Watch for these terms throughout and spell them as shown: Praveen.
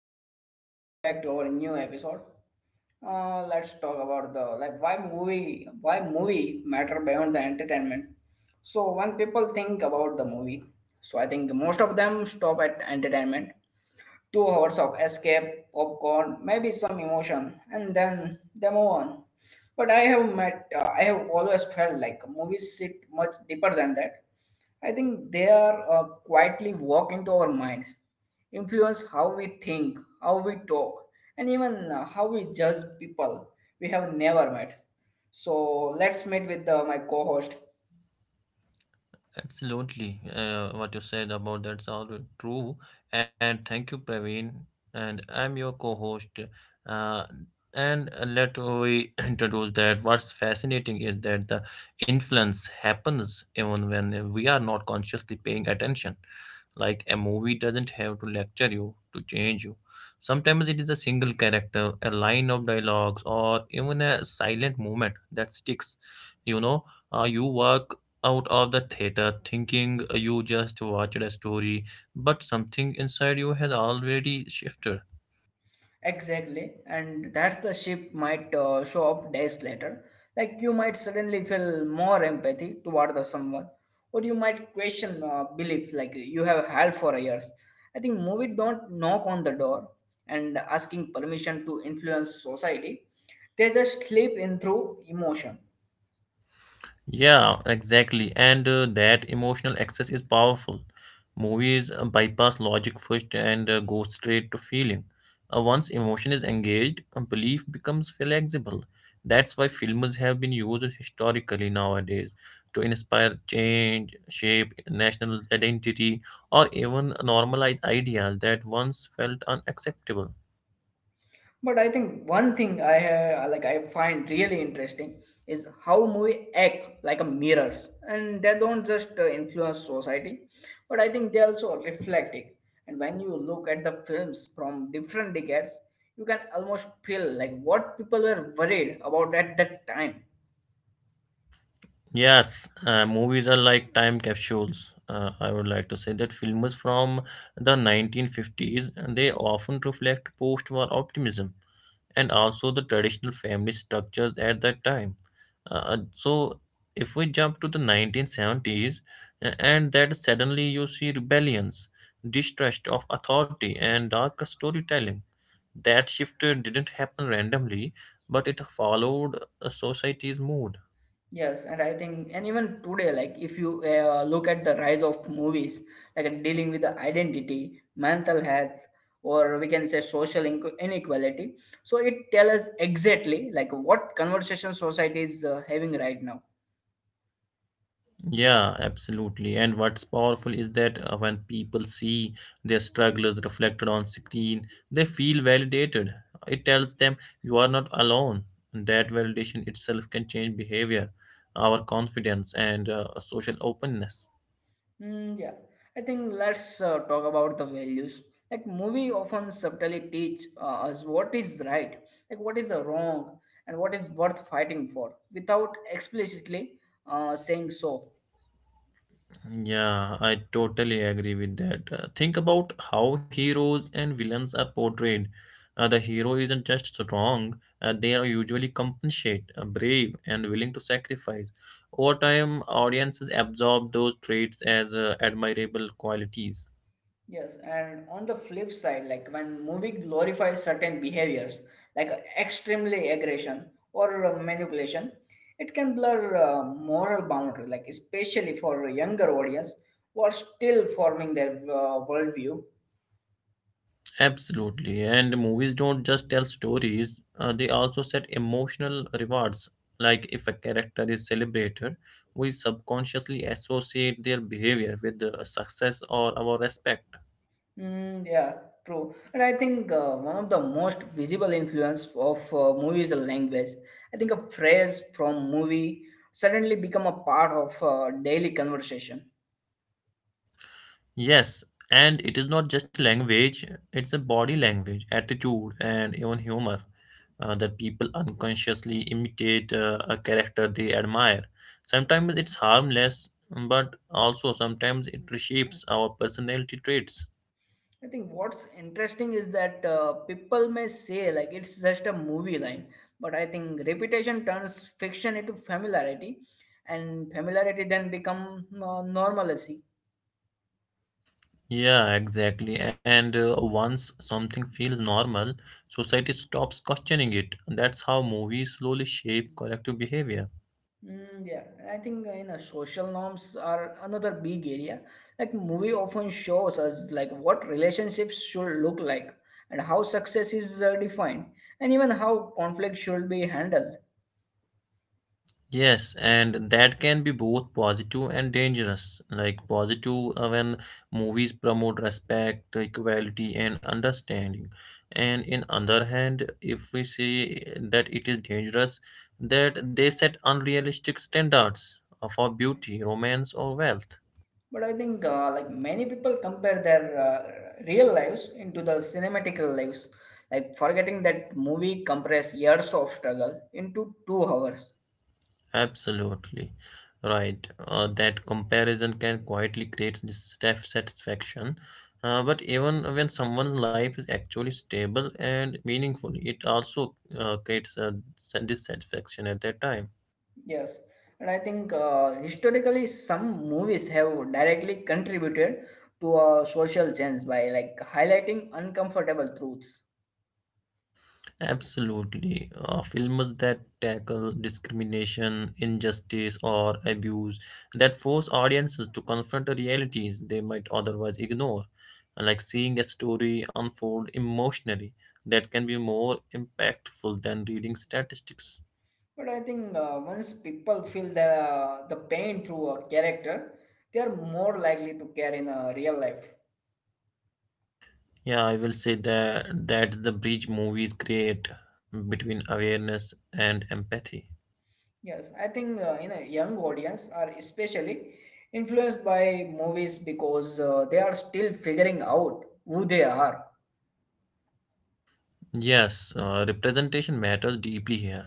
everyone, welcome back to our new episode. Let's talk about the like why movie matter beyond the entertainment. So when people think about the movie, so I think most of them stop at entertainment, 2 hours of escape, popcorn, maybe some emotion, and then they move on. But I have met, I have always felt like movies sit much deeper than that. I think they are quietly walk into our minds, influence how we think, how we talk, and even how we judge people we have never met. So let's meet with my co-host. Absolutely. What you said about that's all true. And thank you, Praveen. And I'm your co-host. Uh, and Let we introduce that. What's fascinating is that the influence happens even when we are not consciously paying attention. Like a movie doesn't have to lecture you to change you. Sometimes it is a single character, a line of dialogues, or even a silent moment that sticks. You know, you work out of the theater thinking you just watched a story, but something inside you has already shifted. Exactly, and that's the shift might show up days later. Like you might suddenly feel more empathy toward the someone, or you might question belief like you have held for years. I think movie don't knock on the door and asking permission to influence society. They just slip in through emotion. Yeah, exactly. And that emotional access is powerful. Movies bypass logic first and go straight to feeling. Once emotion is engaged, belief becomes flexible. That's why films have been used historically nowadays to inspire change, shape national identity, or even normalize ideas that once felt unacceptable. But I think one thing I find really interesting is how movie act like a mirrors, and they don't just influence society, but I think they also reflect it. And when you look at the films from different decades, you can almost feel like what people were worried about at that time. Yes, movies are like time capsules. I would like to say that films from the 1950s and they often reflect post-war optimism and also the traditional family structures at that time. Uh, so, if we jump to the 1970s, and that suddenly you see rebellions, distrust of authority, and darker storytelling. That shift didn't happen randomly, but it followed a society's mood. Yes, and even today, like if you look at the rise of movies, like dealing with the identity, mental health, or we can say social inequality, so it tells us exactly like what conversation society is having right now. Yeah, absolutely. And what's powerful is that when people see their struggles reflected on screen, they feel validated. It tells them you are not alone. That validation itself can change behavior, our confidence, and social openness. Mm, yeah, I think let's talk about the values. Like movie often subtly teach us what is right, like what is wrong, and what is worth fighting for, without explicitly saying so. Yeah, I totally agree with that. Think about how heroes and villains are portrayed. The hero isn't just strong, they are usually compassionate, brave, and willing to sacrifice. Over time, audiences absorb those traits as admirable qualities. Yes, and on the flip side, like when movie glorifies certain behaviors, like extremely aggression or manipulation, it can blur moral boundary, like especially for a younger audience who are still forming their worldview. Absolutely. And movies don't just tell stories, they also set emotional rewards. Like if a character is celebrated, we subconsciously associate their behavior with success or our respect. Mm, yeah, true. And I think one of the most visible influence of movies and language. I think a phrase from movie suddenly become a part of daily conversation. Yes, and it is not just language, it's a body language, attitude, and even humor that people unconsciously imitate a character they admire. Sometimes it's harmless, but also sometimes it reshapes our personality traits. I think what's interesting is that people may say like it's just a movie line, but I think repetition turns fiction into familiarity, and familiarity then become normalcy. Yeah, exactly. And once something feels normal, society stops questioning it. That's how movies slowly shape collective behavior. Mm, yeah, and I think you know social norms are another big area. Like movie often shows us like what relationships should look like and how success is defined, and even how conflict should be handled. Yes, and that can be both positive and dangerous. Like positive when movies promote respect, equality, and understanding. And in other hand, if we say that it is dangerous, that they set unrealistic standards for beauty, romance, or wealth. But I think like many people compare their real lives into the cinematic lives, like forgetting that movie compress years of struggle into 2 hours. Absolutely right. That comparison can quietly create dissatisfaction. But even when someone's life is actually stable and meaningful, it also creates a dissatisfaction at that time. Yes, and I think historically some movies have directly contributed to a social change by like highlighting uncomfortable truths. Absolutely. Films that tackle discrimination, injustice, or abuse that force audiences to confront the realities they might otherwise ignore, like seeing a story unfold emotionally, that can be more impactful than reading statistics. But I think once people feel the pain through a character, they are more likely to care in a real life. Yeah, I will say that that's the bridge movies create between awareness and empathy. Yes, I think you know young audience are especially influenced by movies because they are still figuring out who they are. Yes, representation matters deeply here.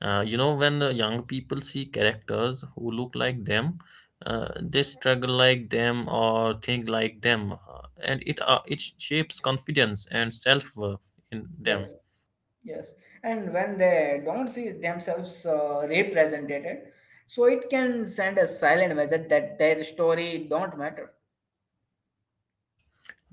You know, when the young people see characters who look like them, they struggle like them or think like them, and it shapes confidence and self-worth in them. Yes, yes, and when they don't see themselves represented, so it can send a silent message that their story don't matter.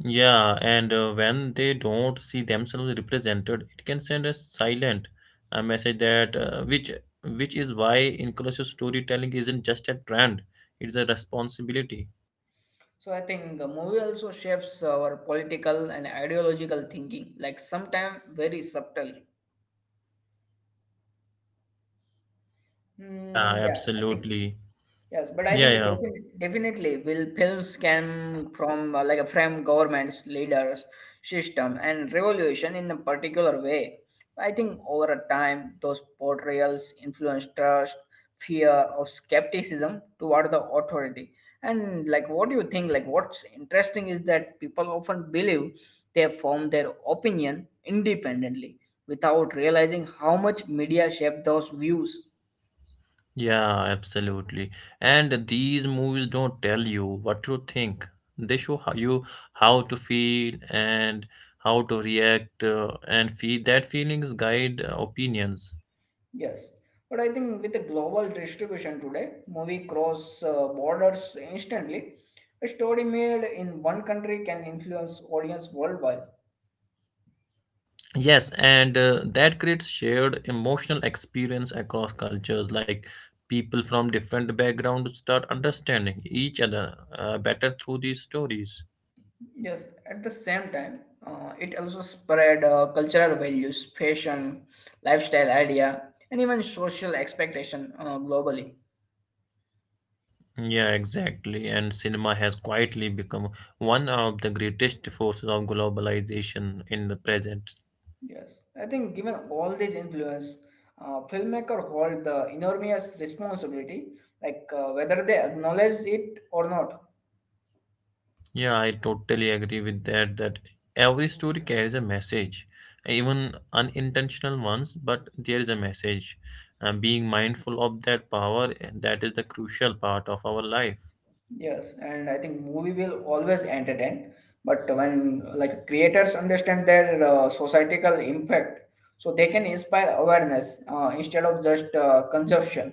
Yeah, and when they don't see themselves represented, it can send a silent message that which is why inclusive storytelling isn't just a trend; it's a responsibility. So I think the movie also shapes our political and ideological thinking, like sometimes very subtle. Yeah, Hmm. Yeah, I think. absolutely. Yes, but I Yeah, think that yeah. definitely will films come from like a from governments, leaders, system, and revolution in a particular way. I think over a time, those portrayals influence trust, fear of skepticism toward the authority. And like, what do you think? Like, what's interesting is that people often believe they form their opinion independently without realizing how much media shape those views. Yeah, absolutely. And these movies don't tell you what to think. They show how you how to feel and how to react and feel that feelings guide opinions. Yes, but I think with the global distribution today, movie cross borders instantly. A story made in one country can influence audience worldwide. Yes, and that creates shared emotional experience across cultures like people from different backgrounds start understanding each other better through these stories. Yes, at the same time, it also spread cultural values, fashion, lifestyle idea, and even social expectation globally. Yeah, exactly. And cinema has quietly become one of the greatest forces of globalization in the present. Yes, I think given all these influence, filmmaker hold the enormous responsibility, like whether they acknowledge it or not. Yeah, I totally agree with that. That every story carries a message, even unintentional ones, but there is a message. Being mindful of that power, and that is the crucial part of our life. Yes, and I think movie will always entertain, but when like creators understand their societal impact, so they can inspire awareness instead of just consumption.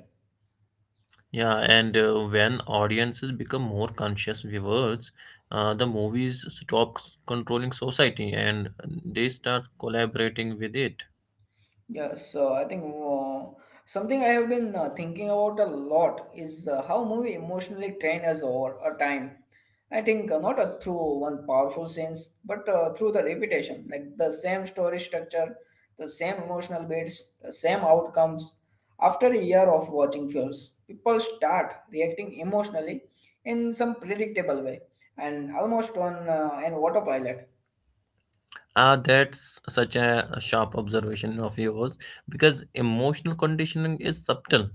Yeah, and when audiences become more conscious viewers, the movies stop controlling society and they start collaborating with it. Yeah, so I think something I have been thinking about a lot is how movie emotionally train us over a time. I think not through one powerful sense, but through the repetition, like the same story structure, the same emotional beats, the same outcomes. After a year of watching films, people start reacting emotionally in some predictable way and almost on an autopilot. That's such a sharp observation of yours because emotional conditioning is subtle.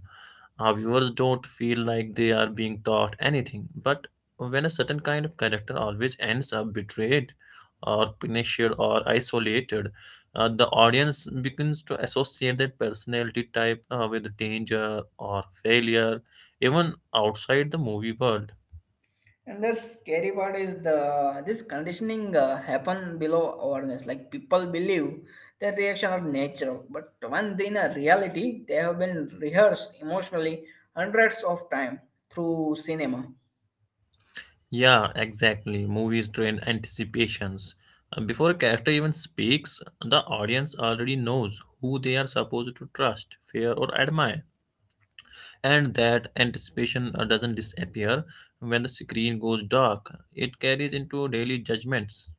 Our viewers don't feel like they are being taught anything, but when a certain kind of character always ends up betrayed or punished or isolated, the audience begins to associate that personality type with danger or failure, even outside the movie world. And the scary part is the this conditioning happen below awareness. Like people believe their reaction are natural, but when they in a reality, they have been rehearsed emotionally hundreds of time through cinema. Yeah, exactly. Movies train anticipations. Before a character even speaks, the audience already knows who they are supposed to trust, fear, or admire. And that anticipation doesn't disappear when the screen goes dark, it carries into daily judgments.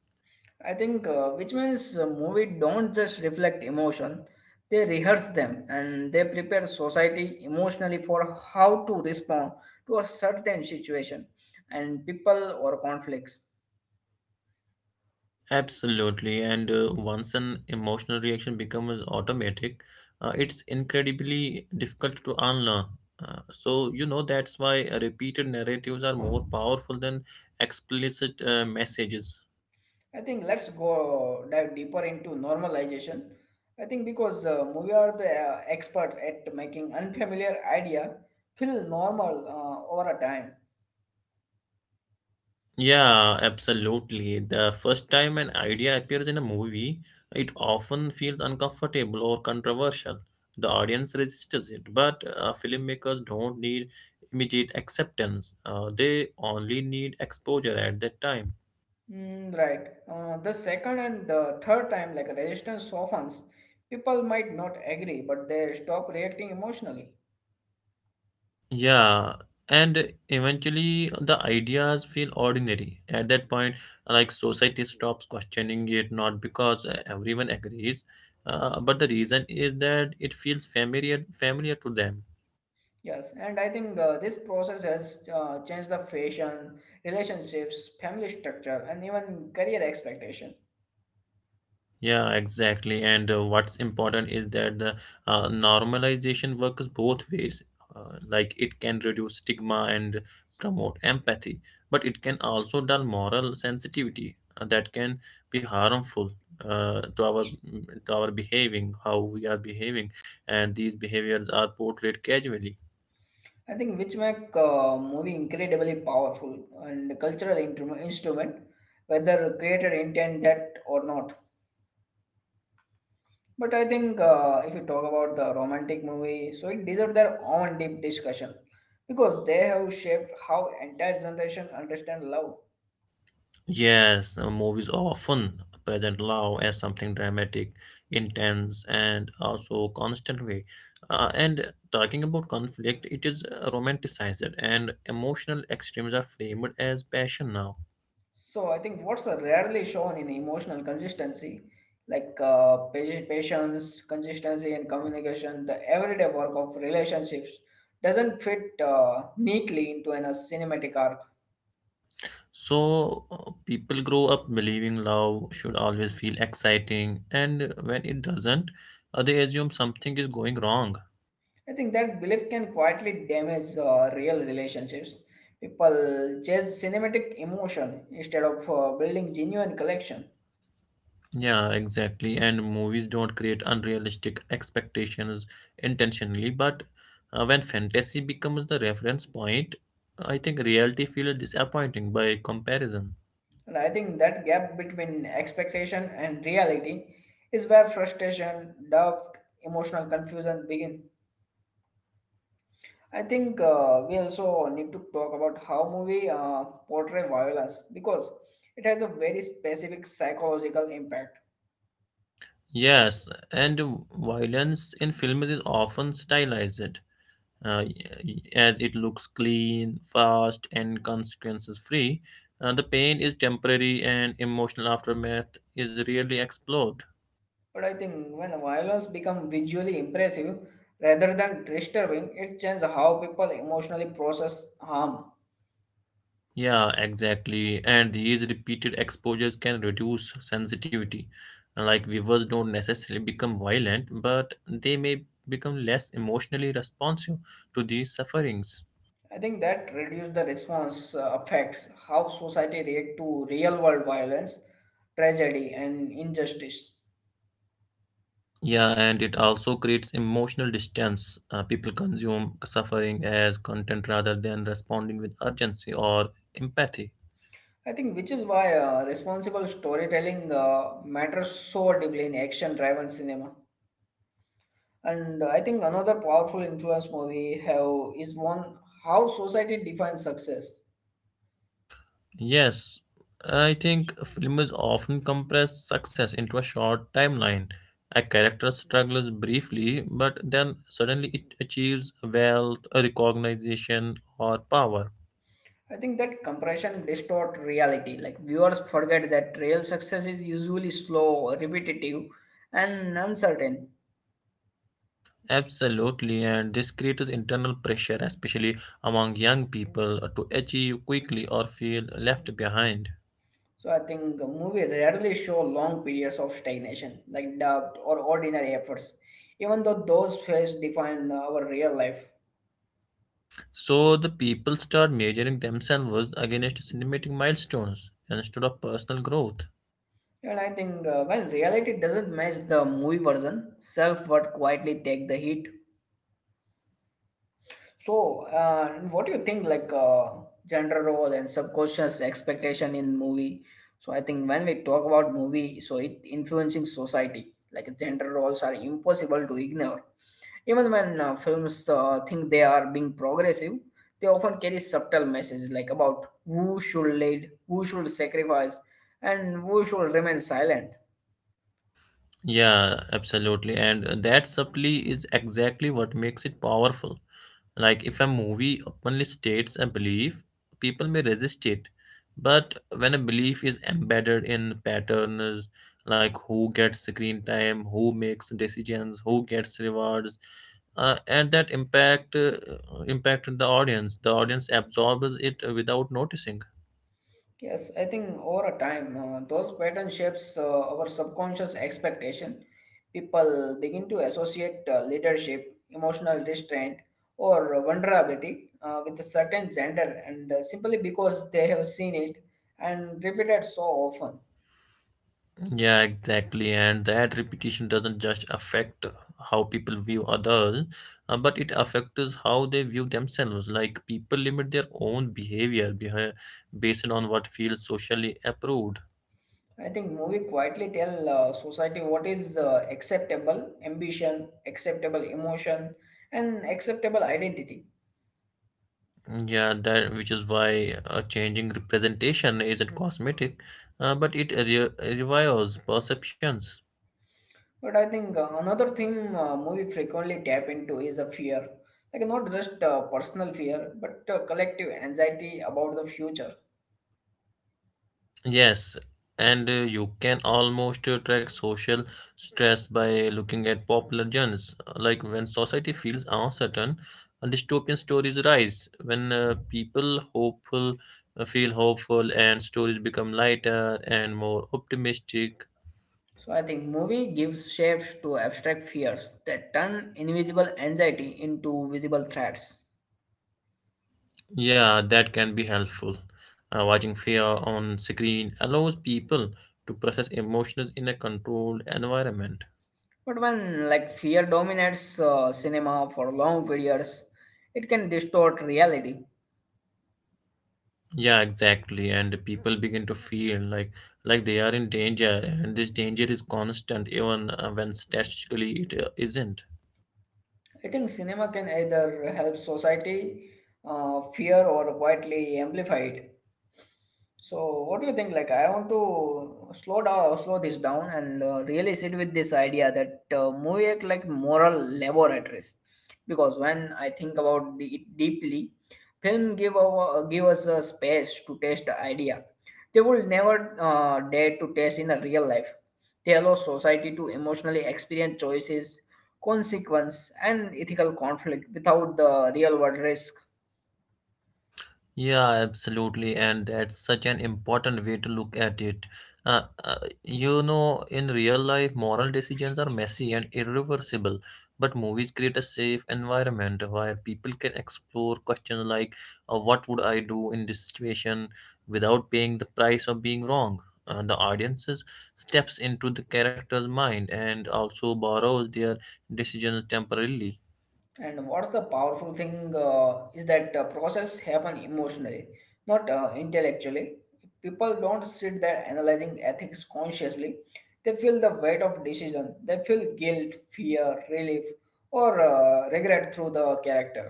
I think, which means movie don't just reflect emotion; they rehearse them and they prepare society emotionally for how to respond to a certain situation and people or conflicts. Absolutely, and once an emotional reaction becomes automatic, it's incredibly difficult to unlearn. You know, that's why repeated narratives are more powerful than explicit messages. I think let's go dive deeper into normalization. I think because we are the experts at making unfamiliar idea feel normal over a time. Yeah, absolutely. The first time an idea appears in a movie, it often feels uncomfortable or controversial. The audience resists it, but filmmakers don't need immediate acceptance. They only need exposure at that time. Mm, right. The second and the third time, like resistance softens, people might not agree, but they stop reacting emotionally. Yeah, and eventually the ideas feel ordinary. At that point, like society stops questioning it, not because everyone agrees, but the reason is that it feels familiar to them. Yes, and I think this process has changed the fashion, relationships, family structure, and even career expectation. Yeah, exactly. And what's important is that the normalization works both ways. Like it can reduce stigma and promote empathy, but it can also dull moral sensitivity that can be harmful uh, to our to our behaving, how we are behaving, and these behaviors are portrayed casually. I think which make movie incredibly powerful and cultural instrument, whether creator intent that or not. But I think if you talk about the romantic movie, so it deserves their own deep discussion because they have shaped how entire generation understand love. Yes, movies often present love as something dramatic, intense, and also constant way. And talking about conflict, it is romanticized, and emotional extremes are framed as passion now. So I think what's rarely shown in emotional consistency, like patience, consistency, and communication, the everyday work of relationships doesn't fit neatly into a cinematic arc. So people grow up believing love should always feel exciting, and when it doesn't, they assume something is going wrong. I think that belief can quietly damage real relationships. People chase cinematic emotion instead of building genuine connection. Yeah, exactly. And movies don't create unrealistic expectations intentionally, but when fantasy becomes the reference point, I think reality feels disappointing by comparison. And I think that gap between expectation and reality is where frustration, doubt, emotional confusion begin. I think we also need to talk about how movie portray violence because it has a very specific psychological impact. Yes, and violence in films is often stylized, uh, as it looks clean, fast, and consequences free. The pain is temporary, and emotional aftermath is rarely explored. But I think when violence become visually impressive rather than disturbing, it changes how people emotionally process harm. Yeah, exactly. And these repeated exposures can reduce sensitivity. Like viewers don't necessarily become violent, but they may become less emotionally responsive to these sufferings. I think that reduce the response affects how society react to real world violence, tragedy, and injustice. Yeah, and it also creates emotional distance. People consume suffering as content rather than responding with urgency or empathy. I think which is why responsible storytelling matters so deeply in action-driven cinema. And I think another powerful influence movie have is one how society defines success. Yes, I think films often compress success into a short timeline. A character struggles briefly, but then suddenly it achieves wealth, recognition, or power. I think that compression distort reality. Like viewers forget that real success is usually slow, repetitive, and uncertain. Absolutely, and this creates internal pressure, especially among young people, to achieve quickly or feel left behind. So I think a movie rarely show long periods of stagnation, like doubt or ordinary efforts, even though those phases define our real life. So the people start measuring themselves against cinematic milestones instead of personal growth. And I think while reality doesn't match the movie version, self-worth quietly take the hit. So, what do you think, gender role and subconscious expectation in movie? So, I think when we talk about movie, so it influencing society. Like gender roles are impossible to ignore. Even when films think they are being progressive, they often carry subtle messages like about who should lead, who should sacrifice, and who should remain silent. Yeah, absolutely. And that supply is exactly what makes it powerful. Like, if a movie openly states a belief, people may resist it. But when a belief is embedded in patterns, like who gets screen time, who makes decisions, who gets rewards, and that impacted the audience. The audience absorbs it without noticing. Yes, I think over a time, those pattern shapes our subconscious expectation. People begin to associate leadership, emotional restraint, or vulnerability with a certain gender, and simply because they have seen it and repeated so often. Yeah, exactly. And that repetition doesn't just affect how people view others, but it affects how they view themselves. Like people limit their own behavior behind, based on what feels socially approved. I think movie quietly tell society what is acceptable ambition, acceptable emotion, and acceptable identity. Yeah, that which is why changing representation isn't cosmetic, but it re revives perceptions. But I think another thing movie frequently tap into is a fear, like not just personal fear, but collective anxiety about the future. Yes, and you can almost track social stress by looking at popular genres. Like when society feels uncertain, dystopian stories rise. When people hopeful feel hopeful, and stories become lighter and more optimistic. So I think movie gives shapes to abstract fears that turn invisible anxiety into visible threats. Yeah, that can be helpful. Watching fear on screen allows people to process emotions in a controlled environment. But when like fear dominates cinema for long periods, it can distort reality. Yeah, exactly. And the people begin to feel like they are in danger, and this danger is constant, even when statistically it isn't. I think cinema can either help society fear or quietly amplify it. So, what do you think? Like, I want to slow this down, and really sit with this idea that movie act like moral laboratories. Because when I think about it deeply, film give us a space to test the idea. They will never dare to test in a real life. They allow society to emotionally experience choices consequence and ethical conflict without the real world risk. Yeah, absolutely, and that's such an important way to look at it. Uh, uh, you know, in real life, moral decisions are messy and irreversible, but movies create a safe environment where people can explore questions like, "What would I do in this situation?" without paying the price of being wrong. The audiences steps into the character's mind and also borrows their decisions temporarily. And what's the powerful thing is that process happen emotionally not intellectually people don't sit there analyzing ethics consciously they feel the weight of decision they feel guilt fear relief or regret through the character.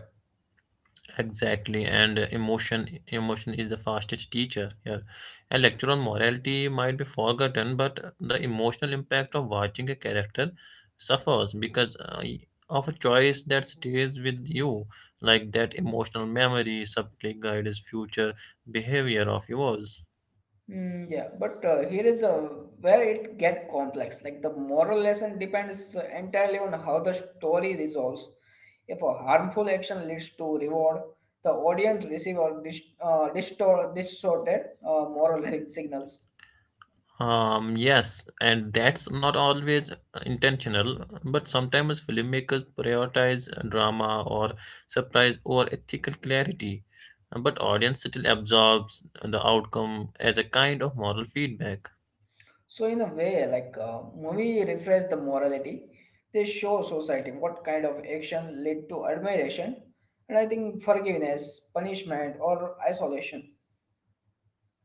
Exactly, and emotion is the fastest teacher here. A lecture on morality might be forgotten, but the emotional impact of watching a character suffers because of a choice that stays with you. Like that emotional memory subtly guides future behavior of yours. Mm, yeah, but here is where it get complex. Like the moral lesson depends entirely on how the story resolves. If a harmful action leads to reward, the audience receive or distorted moral signals. Yes, and that's not always intentional, but sometimes filmmakers prioritize drama or surprise over ethical clarity. But audience still absorbs the outcome as a kind of moral feedback. So in a way, like movie refresh the morality. They show society what kind of action lead to admiration, and I think forgiveness, punishment, or isolation.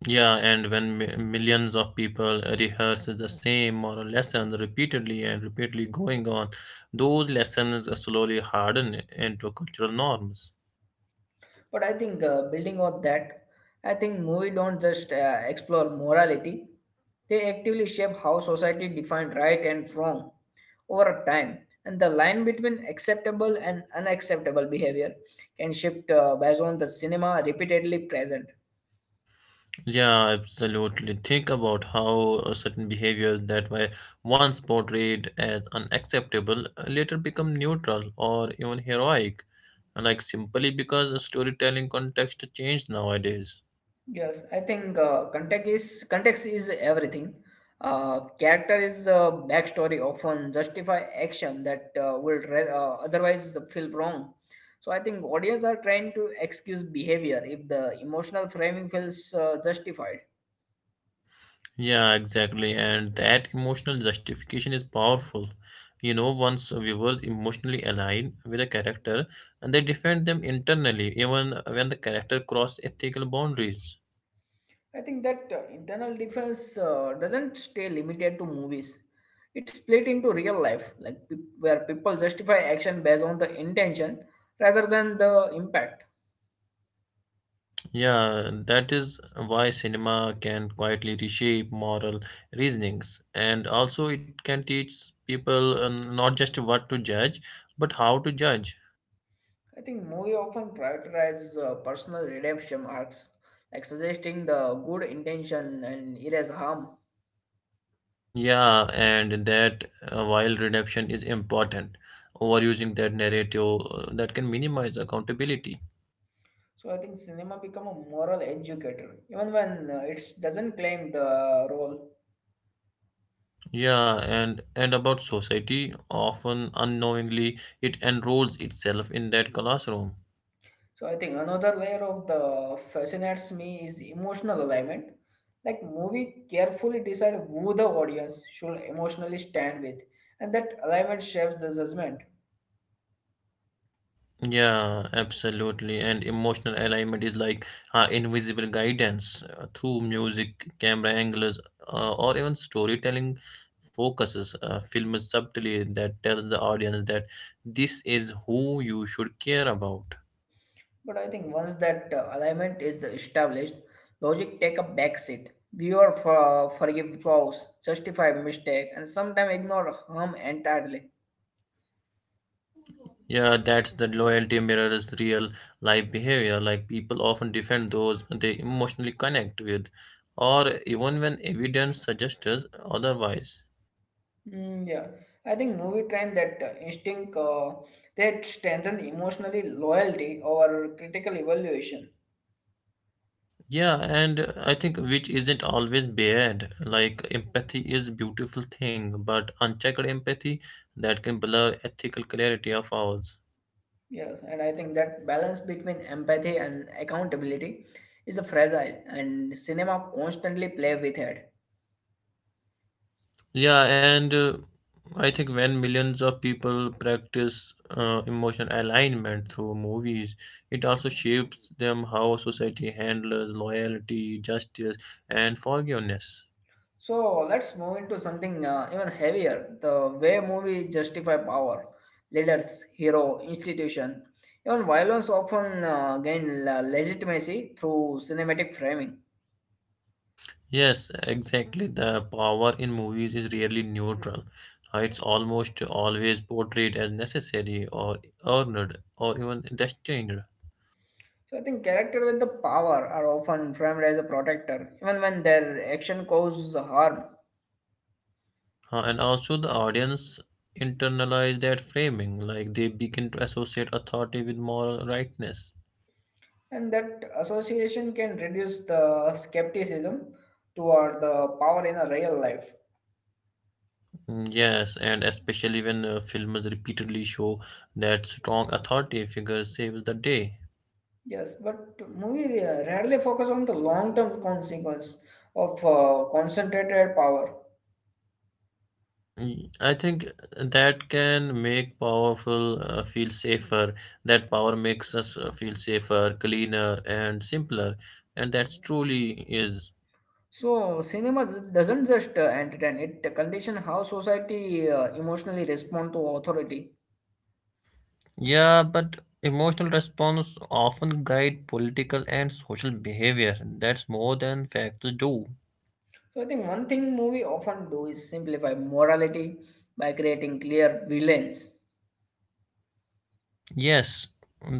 Yeah, and when millions of people rehearse the same moral lesson repeatedly and repeatedly going on, those lessons slowly harden into cultural norms. But I think building on that, I think movie don't just explore morality; they actively shape how society defines right and wrong over time, and the line between acceptable and unacceptable behavior can shift based on the cinema repeatedly present. Yeah, absolutely. Think about how certain behaviors that were once portrayed as unacceptable later become neutral or even heroic, like simply because the storytelling context changed nowadays. Yes, I think context is everything. Character is backstory often justify action that otherwise feel wrong. So I think audience are trying to excuse behavior if the emotional framing feels justified. Yeah, exactly. And that emotional justification is powerful. You know, once viewers emotionally align with a character and they defend them internally, even when the character crossed ethical boundaries. I think that internal difference doesn't stay limited to movies. It's split into real life, like where people justify action based on the intention rather than the impact. Yeah, that is why cinema can quietly reshape moral reasonings, and also it can teach people not just what to judge, but how to judge. I think movie often prioritizes personal redemption arcs, like suggesting the good intention and erase harm. Yeah, and that while reduction is important, overusing that narrative that can minimize accountability. So I think cinema become a moral educator, even when it doesn't claim the role. Yeah, and about society, often unknowingly it enrolls itself in that classroom. So I think another layer of the fascinates me is emotional alignment. Like movie carefully decide who the audience should emotionally stand with, and that alignment shapes the judgment. Yeah, absolutely. And emotional alignment is like invisible guidance through music, camera angles, or even storytelling focuses film subtly that tells the audience that this is who you should care about. But I think once that alignment is established, logic take a back seat. Viewer forgive flaws, justify mistake, and sometimes ignore harm entirely. Yeah, that's the loyalty mirrors real life behavior. Like people often defend those they emotionally connect with, or even when evidence suggests otherwise. Mm, yeah, I think movie train that instinct that strengthen emotionally loyalty over critical evaluation. Yeah, and I think which isn't always bad. Like empathy is beautiful thing, but unchecked empathy that can blur ethical clarity of ours. Yes, and I think that balance between empathy and accountability is a fragile, and cinema constantly play with it. Yeah, and I think when millions of people practice emotional alignment through movies, it also shapes them how society handles loyalty, justice, and forgiveness. So let's move into something even heavier the way movies justify power, leaders, hero, institution. Even violence often uh, gain legitimacy through cinematic framing. Yes, exactly. The power in movies is rarely neutral. It's almost always portrayed as necessary or earned or even destined. So I think characters with the power are often framed as a protector, even when their action causes harm. And also, the audience internalize that framing, like they begin to associate authority with moral rightness. And that association can reduce the skepticism toward the power in a real life. Mm, yes, and especially when films repeatedly show that strong authority figure saves the day. Yes, but movie rarely focus on the long-term consequence of concentrated power. I think that can make powerful feel safer. That power makes us feel safer, cleaner, and simpler, and that's truly is. So cinema doesn't just entertain; it condition how society emotionally respond to authority. Yeah, but emotional response often guide political and social behavior. That's more than facts do. So I think one thing movie often do is simplify morality by creating clear villains. Yes,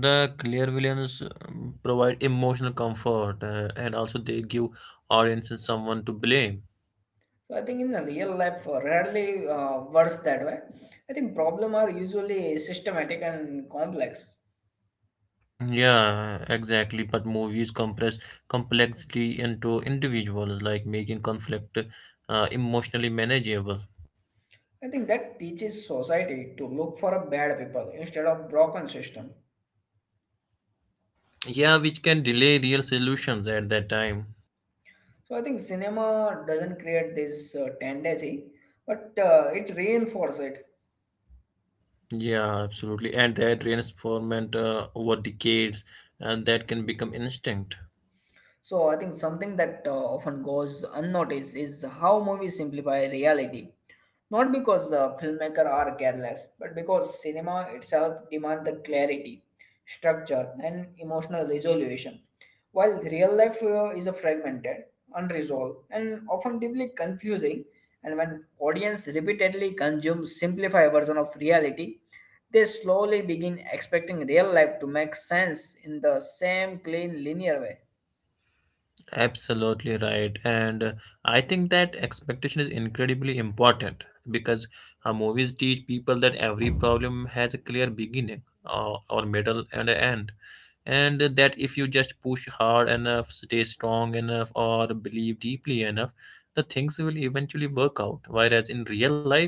the clairvoyants provide emotional comfort, and also they give audiences someone to blame. So I think in the real life, rarely works that way. I think problem are usually systematic and complex. Yeah, exactly. But movies compress complexity into individuals, like making conflict emotionally manageable. I think that teaches society to look for a bad people instead of broken system. Yeah, which can delay real solutions at that time. So I think cinema doesn't create this tendency, but it reinforces it. Yeah, absolutely. And that reinforcement over decades, and that can become instinct. So I think something that often goes unnoticed is how movies simplify reality. Not because the filmmaker are careless, but because cinema itself demands the clarity, structure, and emotional resolution. While real life is a fragmented, unresolved, and often deeply confusing, and when audience repeatedly consume simplified version of reality, they slowly begin expecting real life to make sense in the same clean linear way. Absolutely right. And I think that expectation is incredibly important because movies teach people that every problem has a clear beginning or middle and an end. And that if you just push hard enough, stay strong enough, or believe deeply enough, the things will eventually work out. Whereas in real life,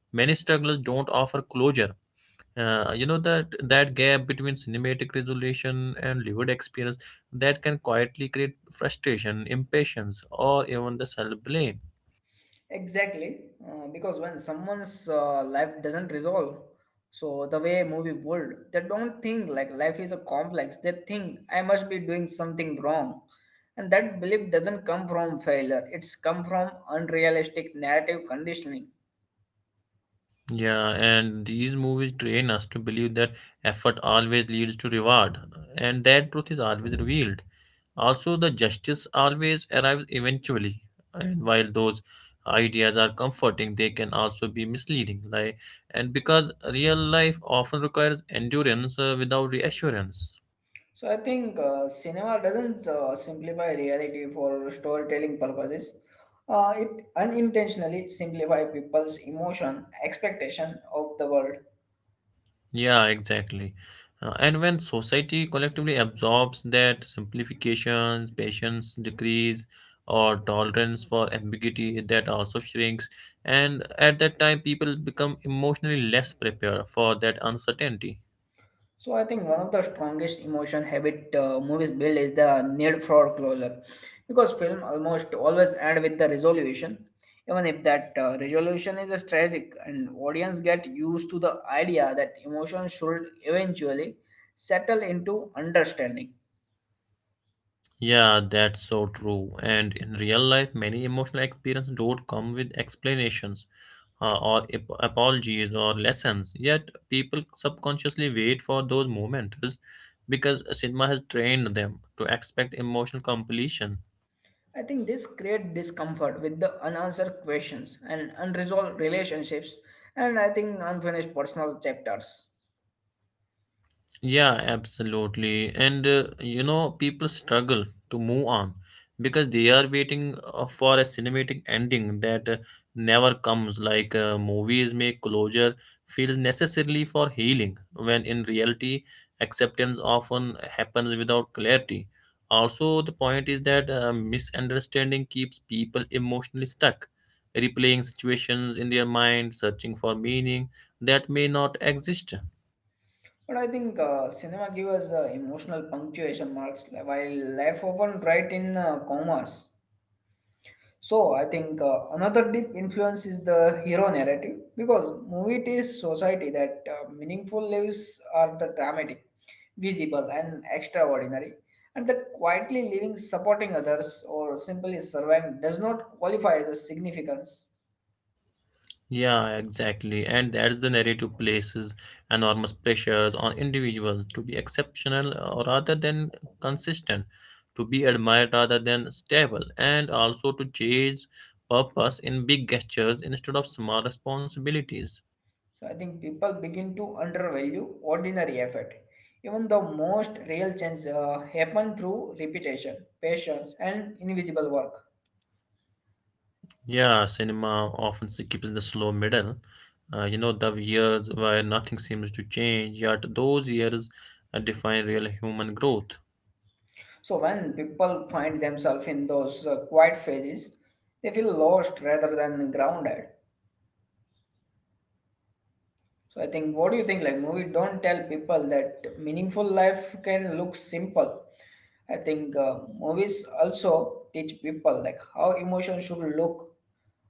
many struggles don't offer closure. You know, that gap between cinematic resolution and lived experience that can quietly create frustration, impatience, or even the self-blame. Exactly, because when someone's life doesn't resolve, so the way movie world, they don't think like life is a complex. They think I must be doing something wrong, and that belief doesn't come from failure. It's come from unrealistic narrative conditioning. Yeah, and these movies train us to believe that effort always leads to reward, and that truth is always revealed, also the justice always arrives eventually. And while those ideas are comforting, they can also be misleading, like, and because real life often requires endurance without reassurance. So I think cinema doesn't simplify reality for storytelling purposes. It unintentionally simplify people's emotion, expectation of the world. Yeah, exactly. And when society collectively absorbs that simplifications, patience decrease, or tolerance for ambiguity, that also shrinks. And at that time, people become emotionally less prepared for that uncertainty. So I think one of the strongest emotion habit movies build is the need for closure, because film almost always end with the resolution, even if that resolution is a tragic, and audience get used to the idea that emotion should eventually settle into understanding. Yeah, that's so true. And in real life, many emotional experiences don't come with explanations. Or Apologies or lessons. Yet people subconsciously wait for those moments because cinema has trained them to expect emotional completion. I think this create discomfort with the unanswered questions and unresolved relationships, and I think unfinished personal chapters. Yeah, absolutely. And you know, people struggle to move on because they are waiting for a cinematic ending that never comes. Like movies make closure feel necessarily for healing, when in reality, acceptance often happens without clarity. Also, the point is that misunderstanding keeps people emotionally stuck, replaying situations in their mind, searching for meaning that may not exist. But I think cinema gives us emotional punctuation marks while life often write in commas. So I think another deep influence is the hero narrative because movie is society that meaningful lives are the dramatic, visible and extraordinary, and that quietly living supporting others or simply surviving does not qualify as a significance. Yeah, exactly. And that's the narrative places enormous pressures on individuals to be exceptional rather than consistent, to be admired rather than stable, and also to chase purpose in big gestures instead of small responsibilities. So I think people begin to undervalue ordinary effort. Even the most real change happen through repetition, patience, and invisible work. Yeah, cinema often skips the slow middle. You know, the years where nothing seems to change, yet those years define real human growth. So when people find themselves in those quiet phases, they feel lost rather than grounded. So I think, what do you think? Like movie don't tell people that meaningful life can look simple. I think movies also teach people like how emotion should look,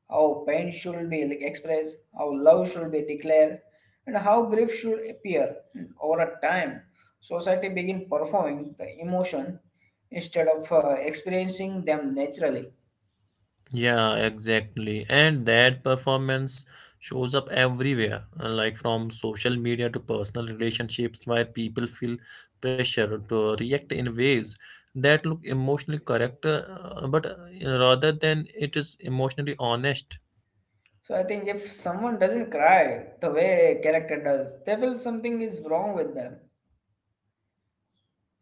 how pain should be like expressed, how love should be declared, and how grief should appear. And over a time, society begin performing the emotion instead of experiencing them naturally. Yeah, exactly. And that performance shows up everywhere, like from social media to personal relationships, where people feel pressure to react in ways that look emotionally correct, but rather than it is emotionally honest. So I think if someone doesn't cry the way a character does, they feel something is wrong with them.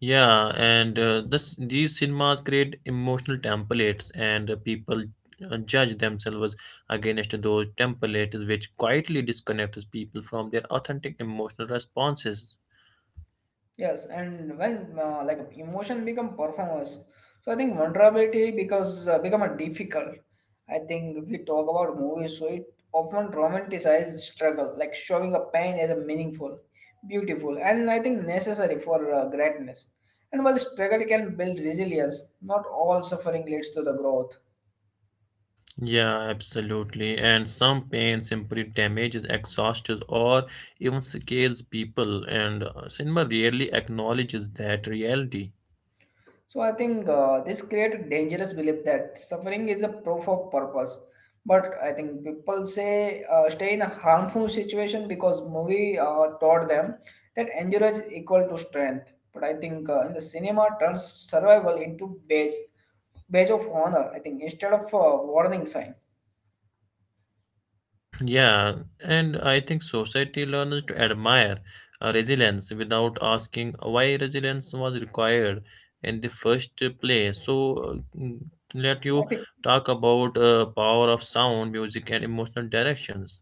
Yeah, and this these cinemas create emotional templates, and people judge themselves against those templates, which quietly disconnects people from their authentic emotional responses. Yes, and when like emotion become performers, so I think vulnerability because become a difficult. I think if we talk about movies, so it often romanticizes struggle, like showing a pain as a meaningful, beautiful, and I think necessary for greatness. And while struggle can build resilience, not all suffering leads to the growth. Yeah, absolutely. And some pain simply damages, exhausts, or even scales people, and cinema rarely acknowledges that reality. So I think this creates a dangerous belief that suffering is a proof of purpose. But I think people say stay in a harmful situation because movie taught them that endurance equal to strength. But I think in the cinema turns survival into badge of honor. I think instead of warning sign. Yeah, and I think society learns to admire resilience without asking why resilience was required in the first place. So, let I you think. talk about power of sound, music, and emotional directions.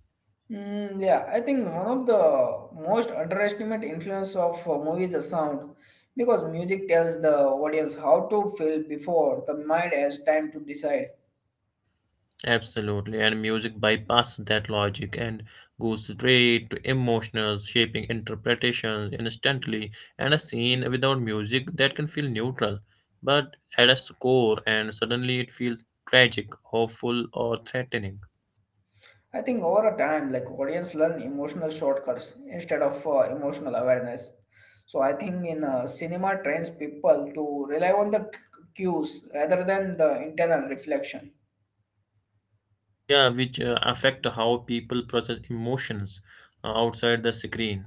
Mm, yeah, I think one of the most underestimated influence of a movie is the sound, because music tells the audience how to feel before the mind has time to decide. Absolutely, and music bypasses that logic and goes straight to emotions, shaping interpretations instantly, and a scene without music that can feel neutral, but at a score, and suddenly it feels tragic, hopeful, or threatening. I think over a time, like audience learn emotional shortcuts instead of emotional awareness. So I think in cinema trains people to rely on the cues rather than the internal reflection. Yeah, which affect how people process emotions outside the screen.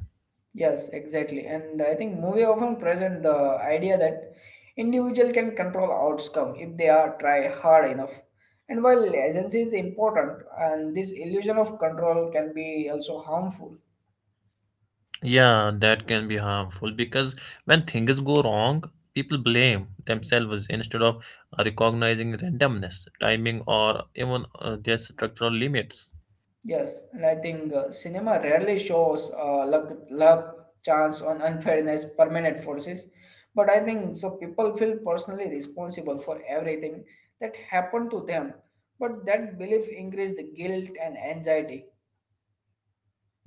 Yes, exactly. And I think movie often present the idea that individual can control outcome if they are try hard enough. And while agency is important, and this illusion of control can be also harmful. Yeah, that can be harmful because when things go wrong, people blame themselves instead of recognizing randomness, timing, or even their structural limits. Yes, and I think cinema rarely shows uh, luck, chance, on unfairness, permanent forces. But I think so people feel personally responsible for everything that happened to them. But that belief increased the guilt and anxiety.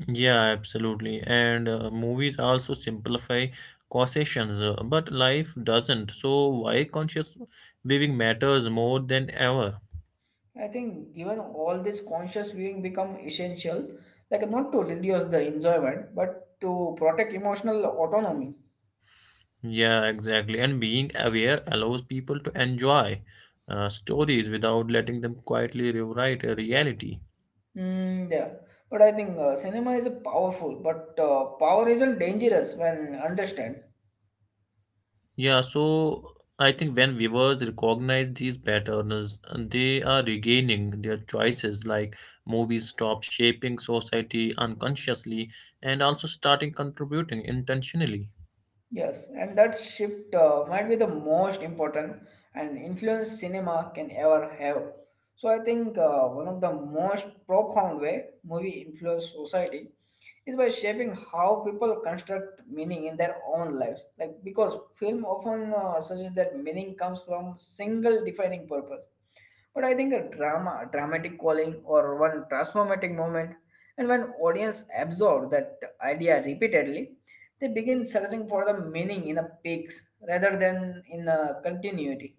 Yeah, absolutely. And movies also simplify causations, but life doesn't. So, why conscious living matters more than ever? I think given all this conscious viewing become essential, like not to reduce the enjoyment, but to protect emotional autonomy. Yeah, exactly. And being aware allows people to enjoy stories without letting them quietly rewrite a reality. Mm, yeah, but I think cinema is powerful, but power isn't dangerous when understand. Yeah, so I think when viewers recognize these patterns, they are regaining their choices. Like movies stop shaping society unconsciously and also starting contributing intentionally. Yes, and that shift might be the most important and influence cinema can ever have. So I think one of the most profound way movie influence society is by shaping how people construct meaning in their own lives. Like because film often suggests that meaning comes from single defining purpose, but I think a drama, a dramatic calling, or one transformative moment, and when audience absorb that idea repeatedly, they begin searching for the meaning in the peaks rather than in the continuity.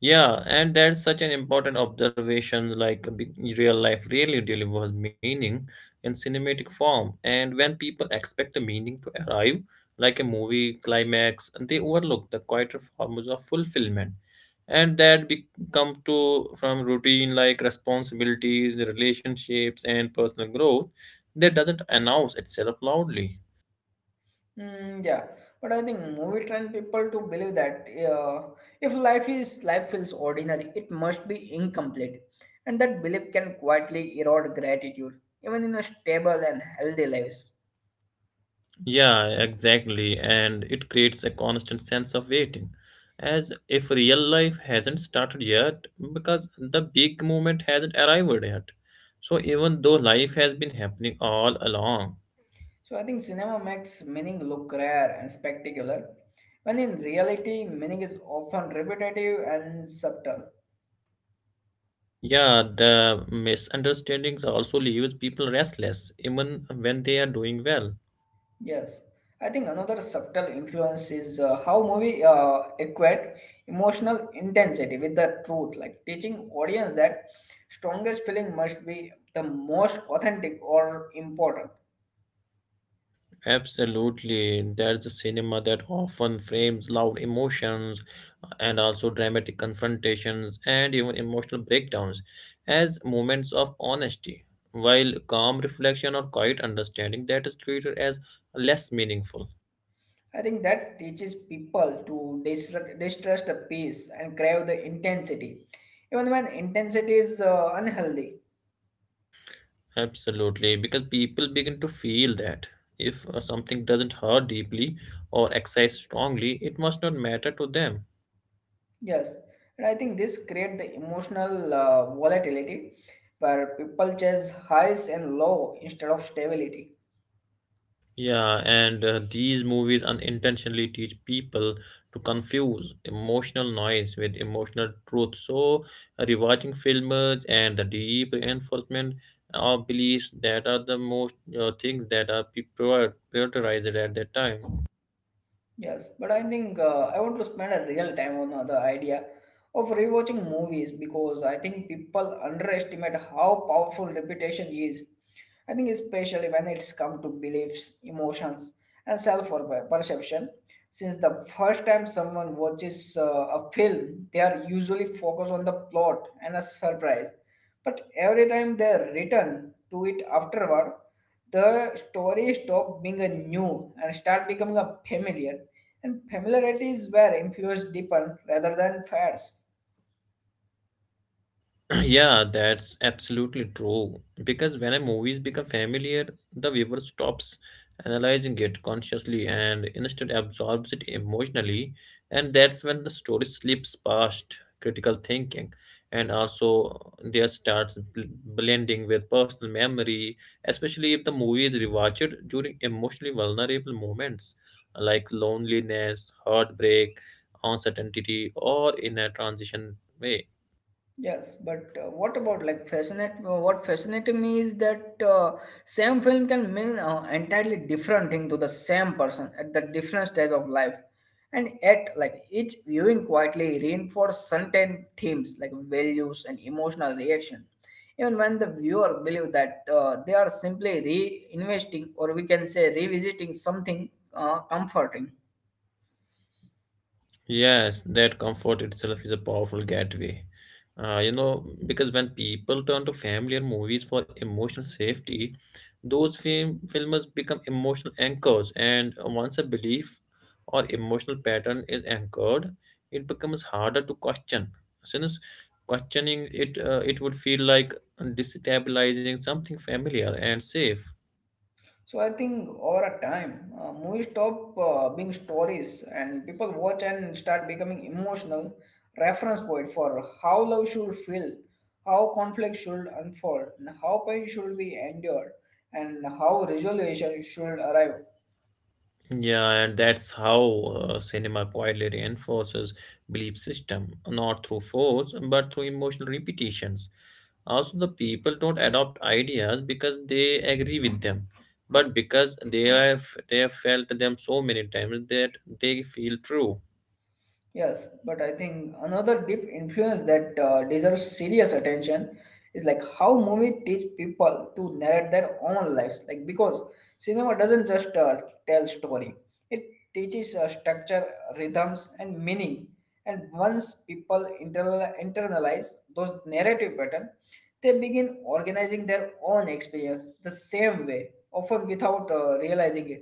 Yeah, and that's such an important observation. Like real life really delivers meaning in cinematic form, and when people expect the meaning to arrive, like a movie climax, they overlook the quieter forms of fulfillment, and that become to from routine like responsibilities, relationships, and personal growth that doesn't announce itself loudly. Mm, yeah, but I think movie train people to believe that if life feels ordinary, it must be incomplete, and that belief can quietly erode gratitude, even in a stable and healthy lives. Yeah, exactly. And it creates a constant sense of waiting, as if real life hasn't started yet because the big moment hasn't arrived yet. So, even though life has been happening all along, So I think cinema makes meaning look rare and spectacular, when in reality meaning is often repetitive and subtle. yeah, the misunderstandings also leaves people restless, even when they are doing well. Yes, I think another subtle influence is how movie equate emotional intensity with the truth, like teaching audience that strongest feeling must be the most authentic or important. Absolutely, that's a cinema that often frames loud emotions and also dramatic confrontations and even emotional breakdowns as moments of honesty, while calm reflection or quiet understanding that is treated as less meaningful. I think that teaches people to distrust the peace and crave the intensity, even when intensity is unhealthy. Absolutely, because people begin to feel that if something doesn't hurt deeply or excite strongly, it must not matter to them. Yes, and I think this create the emotional volatility where people chase highs and low instead of stability. Yeah, and these movies unintentionally teach people to confuse emotional noise with emotional truth. So, rewatching films and the deep reinforcement of beliefs that are the most things that are prioritized at that time. Yes, but I think I want to spend a real time on the idea of rewatching movies because I think people underestimate how powerful reputation is. I think especially when it's come to beliefs, emotions, and self-perception. Since the first time someone watches a film, they are usually focused on the plot and a surprise. But every time they return to it afterward, the story stop being a new and start becoming a familiar. And familiarity is where influence deepen rather than fades. Yeah, that's absolutely true. Because when a movies become familiar, the viewer stops analyzing it consciously and instead absorbs it emotionally, and that's when the story slips past critical thinking, and also there starts blending with personal memory, especially if the movie is rewatched during emotionally vulnerable moments like loneliness, heartbreak, uncertainty, or in a transition way. Yes, but what about like fascinate? What fascinated me is that same film can mean entirely different thing to the same person at the different stage of life, and yet like each viewing quietly reinforce certain themes like values and emotional reaction, even when the viewer believe that they are simply reinvesting or we can say revisiting something comforting. Yes, that comfort itself is a powerful gateway. You know, because when people turn to familiar movies for emotional safety, those films become emotional anchors. And once a belief or emotional pattern is anchored, it becomes harder to question. Since questioning it, it would feel like destabilizing something familiar and safe. So I think over a time, movies stop being stories, and people watch and start becoming emotional reference point for how love should feel, how conflict should unfold, and how pain should be endured, and how resolution should arrive. Yeah, and that's how cinema quietly reinforces belief system, not through force, but through emotional repetitions. Also, the people don't adopt ideas because they agree with them, but because they have felt them so many times that they feel true. Yes, but I think another deep influence that deserves serious attention is like how movie teach people to narrate their own lives. Like because cinema doesn't just tell story; it teaches structure, rhythms, and meaning. And once people internalize those narrative pattern, they begin organizing their own experience the same way, often without realizing it.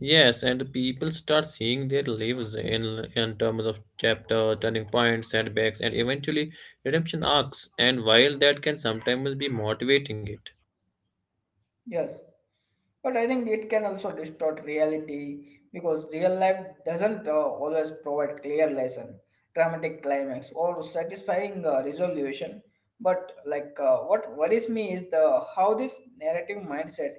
Yes, and the people start seeing their lives in terms of chapter, turning points, setbacks, and eventually redemption arcs. And while that can sometimes be motivating, it Yes. But I think it can also distort reality because real life doesn't always provide clear lesson, dramatic climax, or satisfying resolution. But what worries me is the how this narrative mindset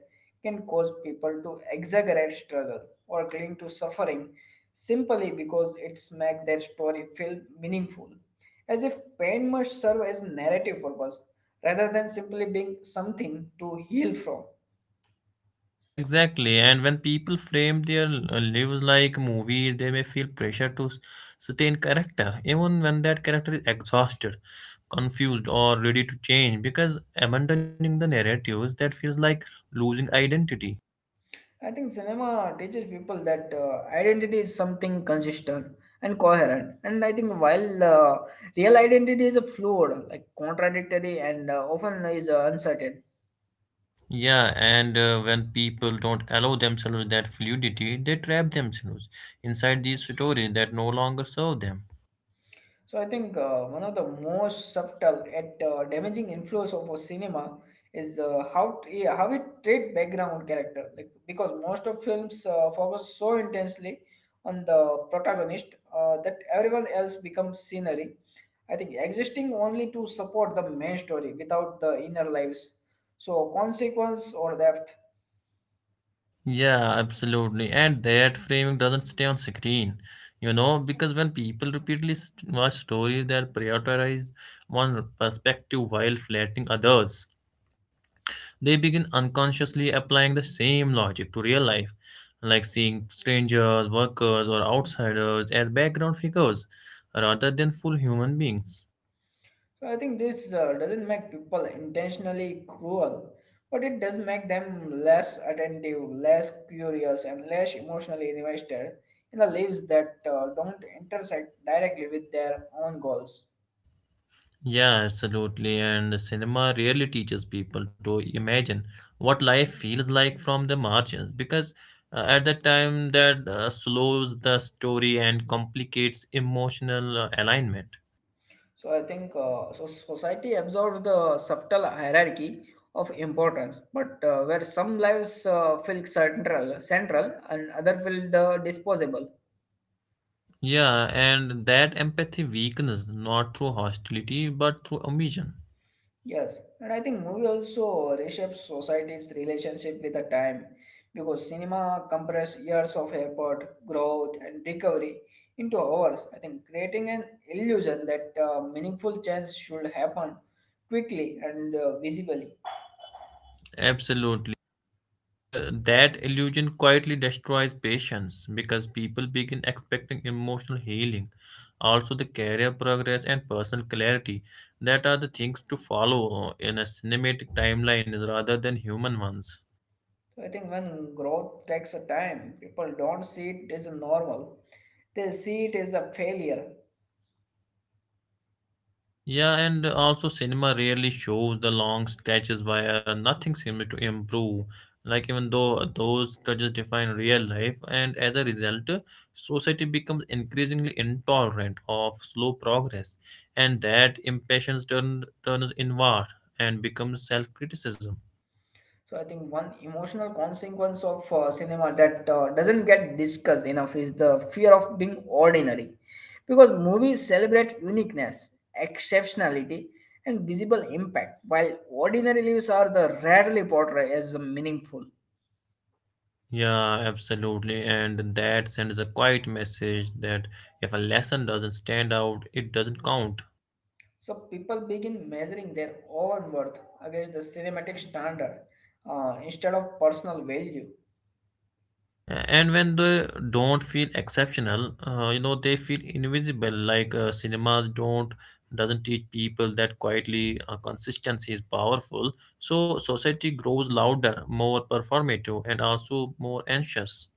can cause people to exaggerate struggle or cling to suffering simply because it's make their story feel meaningful, as if pain must serve as narrative purpose rather than simply being something to heal from. exactly, and when people frame their lives like movies, they may feel pressure to stay character, even when that character is exhausted, confused, or ready to change, because abandoning the narratives that feels like losing identity. I think cinema teaches people that identity is something consistent and coherent. And I think while real identity is a fluid, like contradictory, and often is uncertain. Yeah, and when people don't allow themselves that fluidity, they trap themselves inside these stories that no longer serve them. So I think one of the most subtle yet damaging influence of a cinema is how how it treat background character. Like because most of films focus so intensely on the protagonist that everyone else becomes scenery I think existing only to support the main story without the inner lives, so consequence or depth. Yeah, absolutely. And that framing doesn't stay on screen, you know, because when people repeatedly watch stories that prioritize one perspective while flattening others, they begin unconsciously applying the same logic to real life, like seeing strangers, workers, or outsiders as background figures rather than full human beings. So I think this doesn't make people intentionally cruel, but it does make them less attentive, less curious, and less emotionally invested in the lives that don't intersect directly with their own goals. Yeah, absolutely. And cinema really teaches people to imagine what life feels like from the margins because at that time that slows the story and complicates emotional alignment. So I think so society absorbs the subtle hierarchy of importance, but where some lives feel central, and other feel the disposable. Yeah, and that empathy weakens not through hostility but through omission. Yes, and I think movie also reshapes society's relationship with the time, because cinema compresses years of effort, growth, and recovery into hours. I think creating an illusion that meaningful change should happen quickly and visibly. Absolutely. And That illusion quietly destroys patience because people begin expecting emotional healing, also the career progress and personal clarity that are the things to follow in a cinematic timeline rather than human ones. So I think when growth takes a time, people don't see it as a normal. They see it as a failure. Yeah, and also cinema rarely shows the long stretches where nothing seems to improve. Like even though those stretches define real life, and as a result, society becomes increasingly intolerant of slow progress, and that impatience turns inward and becomes self-criticism. So I think one emotional consequence of cinema that doesn't get discussed enough is the fear of being ordinary. Because movies celebrate uniqueness, exceptionality, and visible impact, while ordinary lives are the rarely portrayed as meaningful. Yeah, absolutely, and that sends a quiet message that if a lesson doesn't stand out, it doesn't count. So people begin measuring their own worth against the cinematic standard instead of personal value. And when they don't feel exceptional, they feel invisible. Like cinemas don't doesn't teach people that quietly consistency is powerful. So society grows louder, more performative, and also more anxious.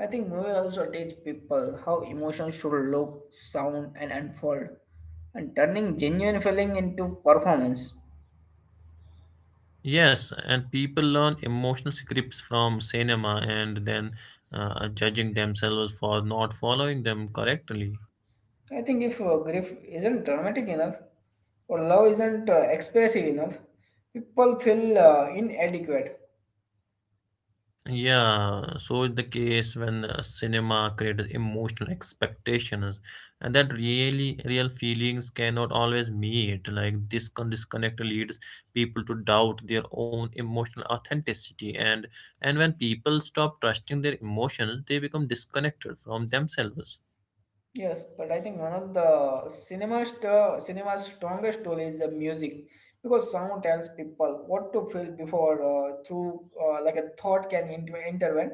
I think movie also teach people how emotions should look, sound, and unfold, and turning genuine feeling into performance. Yes, and people learn emotional scripts from cinema and then judging themselves for not following them correctly. I think if grief isn't dramatic enough, or love isn't expressive enough, people feel inadequate. Yeah, so is the case when cinema creates emotional expectations, and that really real feelings cannot always meet. Like this disconnect leads people to doubt their own emotional authenticity, and when people stop trusting their emotions, they become disconnected from themselves. Yes, but I think one of the cinema's strongest tool is the music because sound tells people what to feel before through like a thought can intervene.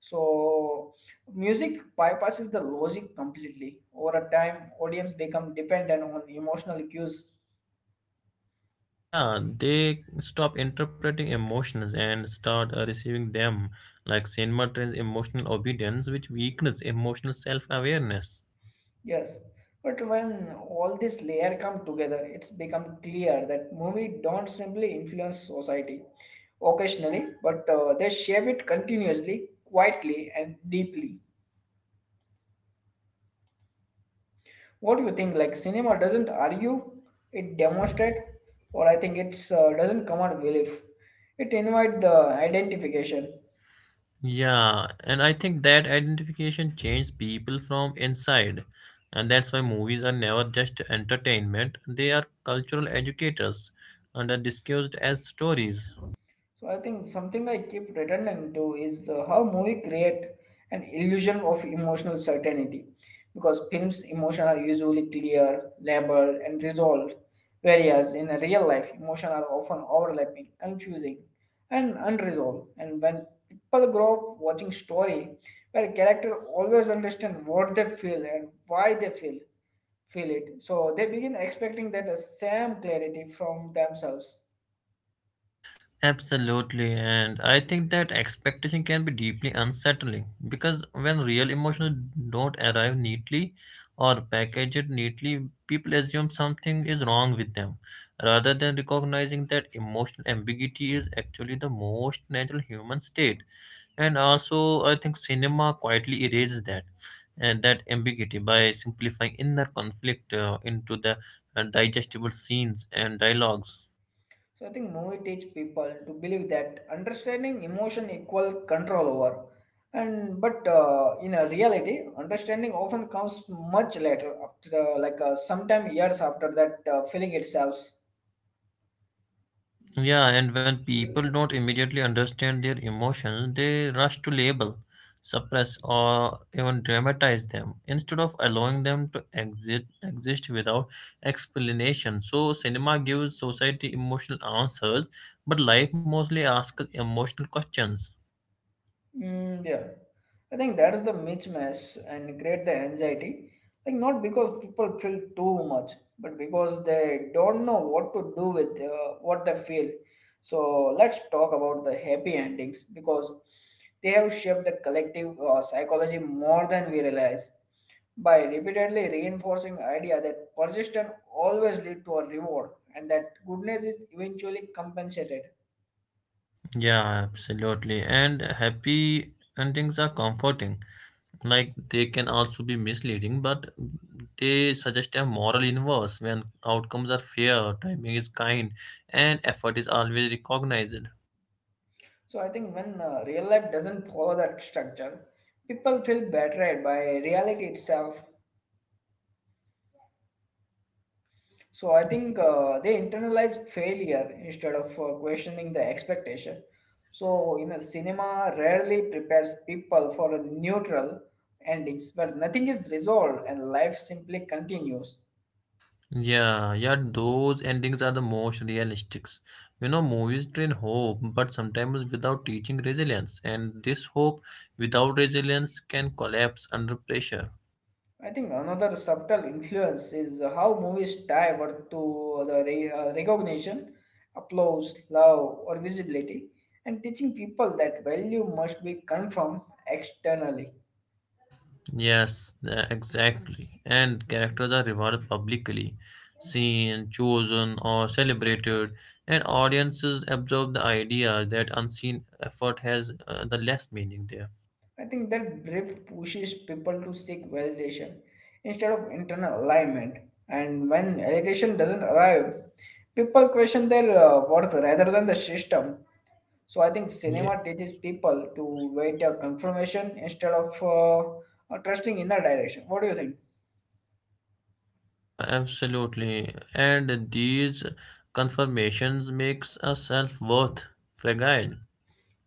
So music bypasses the logic completely. Over a time, audience become dependent on emotional cues. Yeah, they stop interpreting emotions and start receiving them. Like cinema trains emotional obedience, which weakens emotional self-awareness. Yes, but when all this layer come together, it's become clear that movie don't simply influence society. Occasionally, but they shape it continuously, quietly, and deeply. What do you think? Like cinema doesn't argue, it demonstrates, or I think it's doesn't command belief. It invites the identification. Yeah, and I think that identification changes people from inside, and that's why movies are never just entertainment. They are cultural educators and are discussed as stories. So I think something I keep returning to is how movie create an illusion of emotional certainty, because films' emotion are usually clear, labeled, and resolved, whereas in real life, emotion are often overlapping, confusing, and unresolved. And when people grow up watching story where character always understand what they feel and why they feel it, so they begin expecting that the same clarity from themselves. Absolutely, and I think that expectation can be deeply unsettling because when real emotions don't arrive neatly or packaged neatly, people assume something is wrong with them rather than recognizing that emotional ambiguity is actually the most natural human state. And also I think cinema quietly erases that and that ambiguity by simplifying inner conflict into the digestible scenes and dialogues. So I think movie teach people to believe that understanding emotion equal control over, and but in a reality, understanding often comes much later, after sometime years after that feeling itself. Yeah, and when people don't immediately understand their emotions, they rush to label, suppress, or even dramatize them instead of allowing them to exist without explanation. So cinema gives society emotional answers, but life mostly asks emotional questions. Mm, yeah, I think that is the mismatch and create the anxiety. Like not because people feel too much, but because they don't know what to do with what they feel. So let's talk about the happy endings because they have shaped the collective psychology more than we realize by repeatedly reinforcing idea that persistence always lead to a reward and that goodness is eventually compensated. Yeah, absolutely. And happy endings are comforting. Like they can also be misleading, but they suggest a moral inverse when outcomes are fair, timing is kind, and effort is always recognized. So I think when real life doesn't follow that structure, people feel betrayed by reality itself. So I think they internalize failure instead of questioning the expectation. So you know, cinema rarely prepares people for a neutral endings where nothing is resolved and life simply continues. Yeah, yeah, those endings are the most realistic. You know, movies train hope, but sometimes without teaching resilience, and this hope without resilience can collapse under pressure. I think another subtle influence is how movies tie worth to the recognition, applause, love, or visibility, and teaching people that value must be confirmed externally. Yes, exactly. And characters are rewarded publicly, seen, chosen, or celebrated, and audiences absorb the idea that unseen effort has the less meaning there. I think that drift pushes people to seek validation instead of internal alignment, and when validation doesn't arrive, people question their worth rather than the system. So I think Yeah, cinema teaches people to wait a confirmation instead of trusting in the direction. What do you think? yeah, absolutely. And these confirmations makes a self-worth fragile.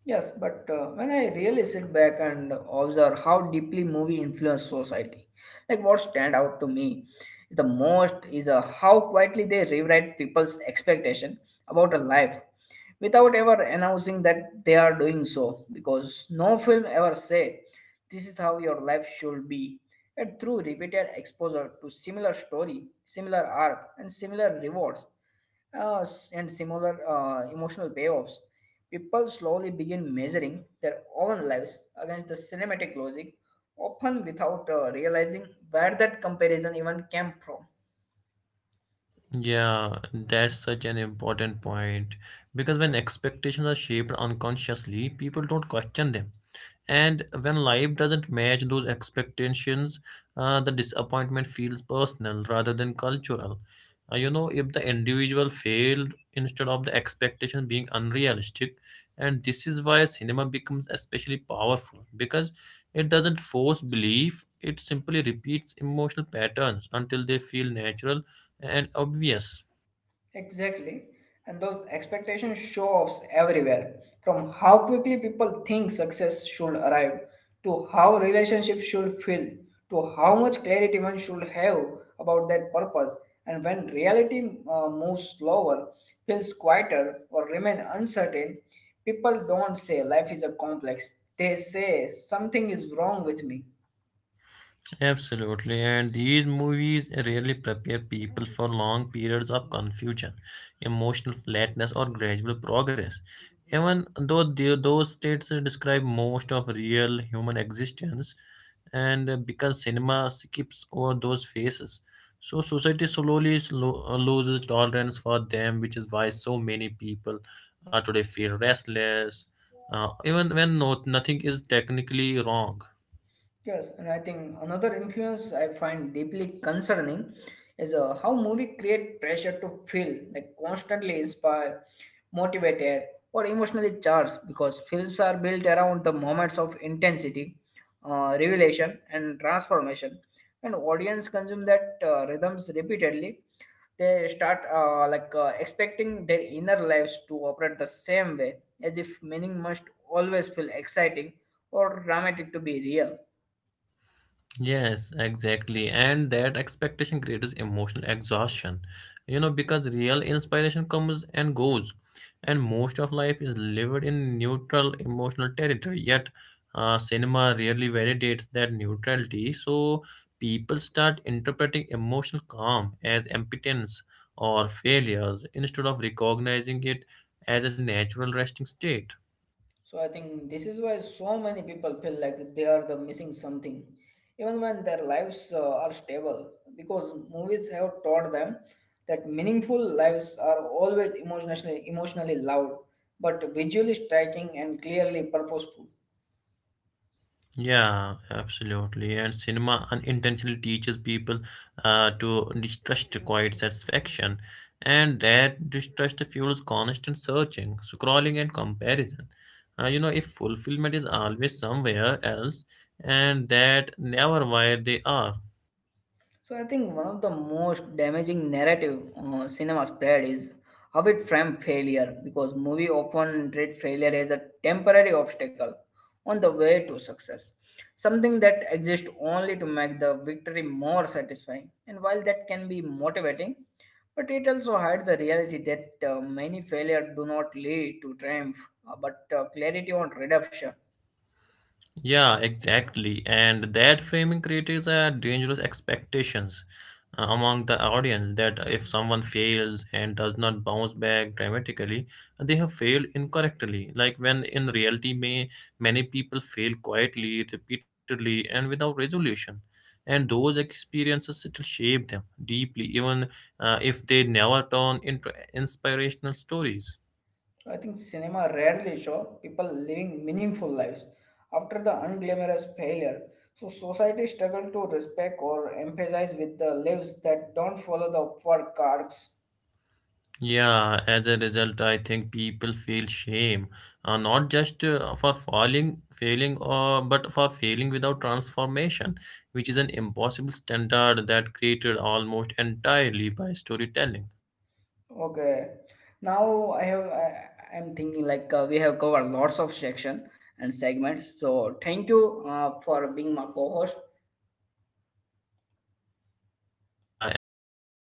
Yes, but when I really sit back and observe how deeply movie influence society, like what stand out to me is the most is how quietly they rewrite people's expectation about a life without ever announcing that they are doing so because no film ever say this is how your life should be and through repeated exposure to similar story similar arc and similar rewards and similar emotional payoffs people slowly begin measuring their own lives against the cinematic logic often without realizing where that comparison even came from. Yeah, that's such an important point because when expectations are shaped unconsciously, people don't question them. And when life doesn't match those expectations, the disappointment feels personal rather than cultural. You know, if the individual failed instead of the expectation being unrealistic, and this is why cinema becomes especially powerful because it doesn't force belief, it simply repeats emotional patterns until they feel natural and obvious. Exactly. And those expectations show offs everywhere, from how quickly people think success should arrive, to how relationships should feel, to how much clarity one should have about their purpose. And when reality moves slower, feels quieter, or remain uncertain, people don't say life is a complex. They say something is wrong with me. Absolutely, and these movies rarely prepare people for long periods of confusion, emotional flatness, or gradual progress. Even though those states describe most of real human existence, and because cinema skips over those phases, so society slowly loses tolerance for them, which is why so many people today feel restless, even when nothing is technically wrong. Yes, and I think another influence I find deeply concerning is how movie create pressure to feel like constantly inspired, motivated, or emotionally charged because films are built around the moments of intensity, revelation, and transformation. When audience consume that rhythms repeatedly, they start expecting their inner lives to operate the same way, as if meaning must always feel exciting or dramatic to be real. Yes, exactly. And that expectation creates emotional exhaustion, you know, because real inspiration comes and goes, and most of life is lived in neutral emotional territory. Yet, cinema rarely validates that neutrality, so people start interpreting emotional calm as impotence or failures instead of recognizing it as a natural resting state. So I think this is why so many people feel like they are the missing something, even when their lives are stable, because movies have taught them that meaningful lives are always emotionally loud, but visually striking and clearly purposeful. Yeah, absolutely. And cinema unintentionally teaches people to distrust quiet satisfaction, and that distrust fuels constant searching, scrolling, and comparison. You know, if fulfillment is always somewhere else, and that never where they are. So I think one of the most damaging narrative cinema spread is how it framed failure because movie often treat failure as a temporary obstacle on the way to success, something that exists only to make the victory more satisfying. And while that can be motivating, but it also hides the reality that many failure do not lead to triumph, but clarity on redemption. Yeah, exactly. And that framing creates a dangerous expectations among the audience that if someone fails and does not bounce back dramatically, they have failed incorrectly. Like when in reality, may many people fail quietly, repeatedly, and without resolution. And those experiences still shape them deeply, even if they never turn into inspirational stories. I think cinema rarely show people living meaningful lives after the unglamorous failure. So society struggle to respect or empathize with the lives that don't follow the upward cards. Yeah, as a result, I think people feel shame, not just for failing, or but for failing without transformation, which is an impossible standard that created almost entirely by storytelling. Okay, now I'm thinking we have covered lots of section and segments. So thank you for being my co-host. Yeah, and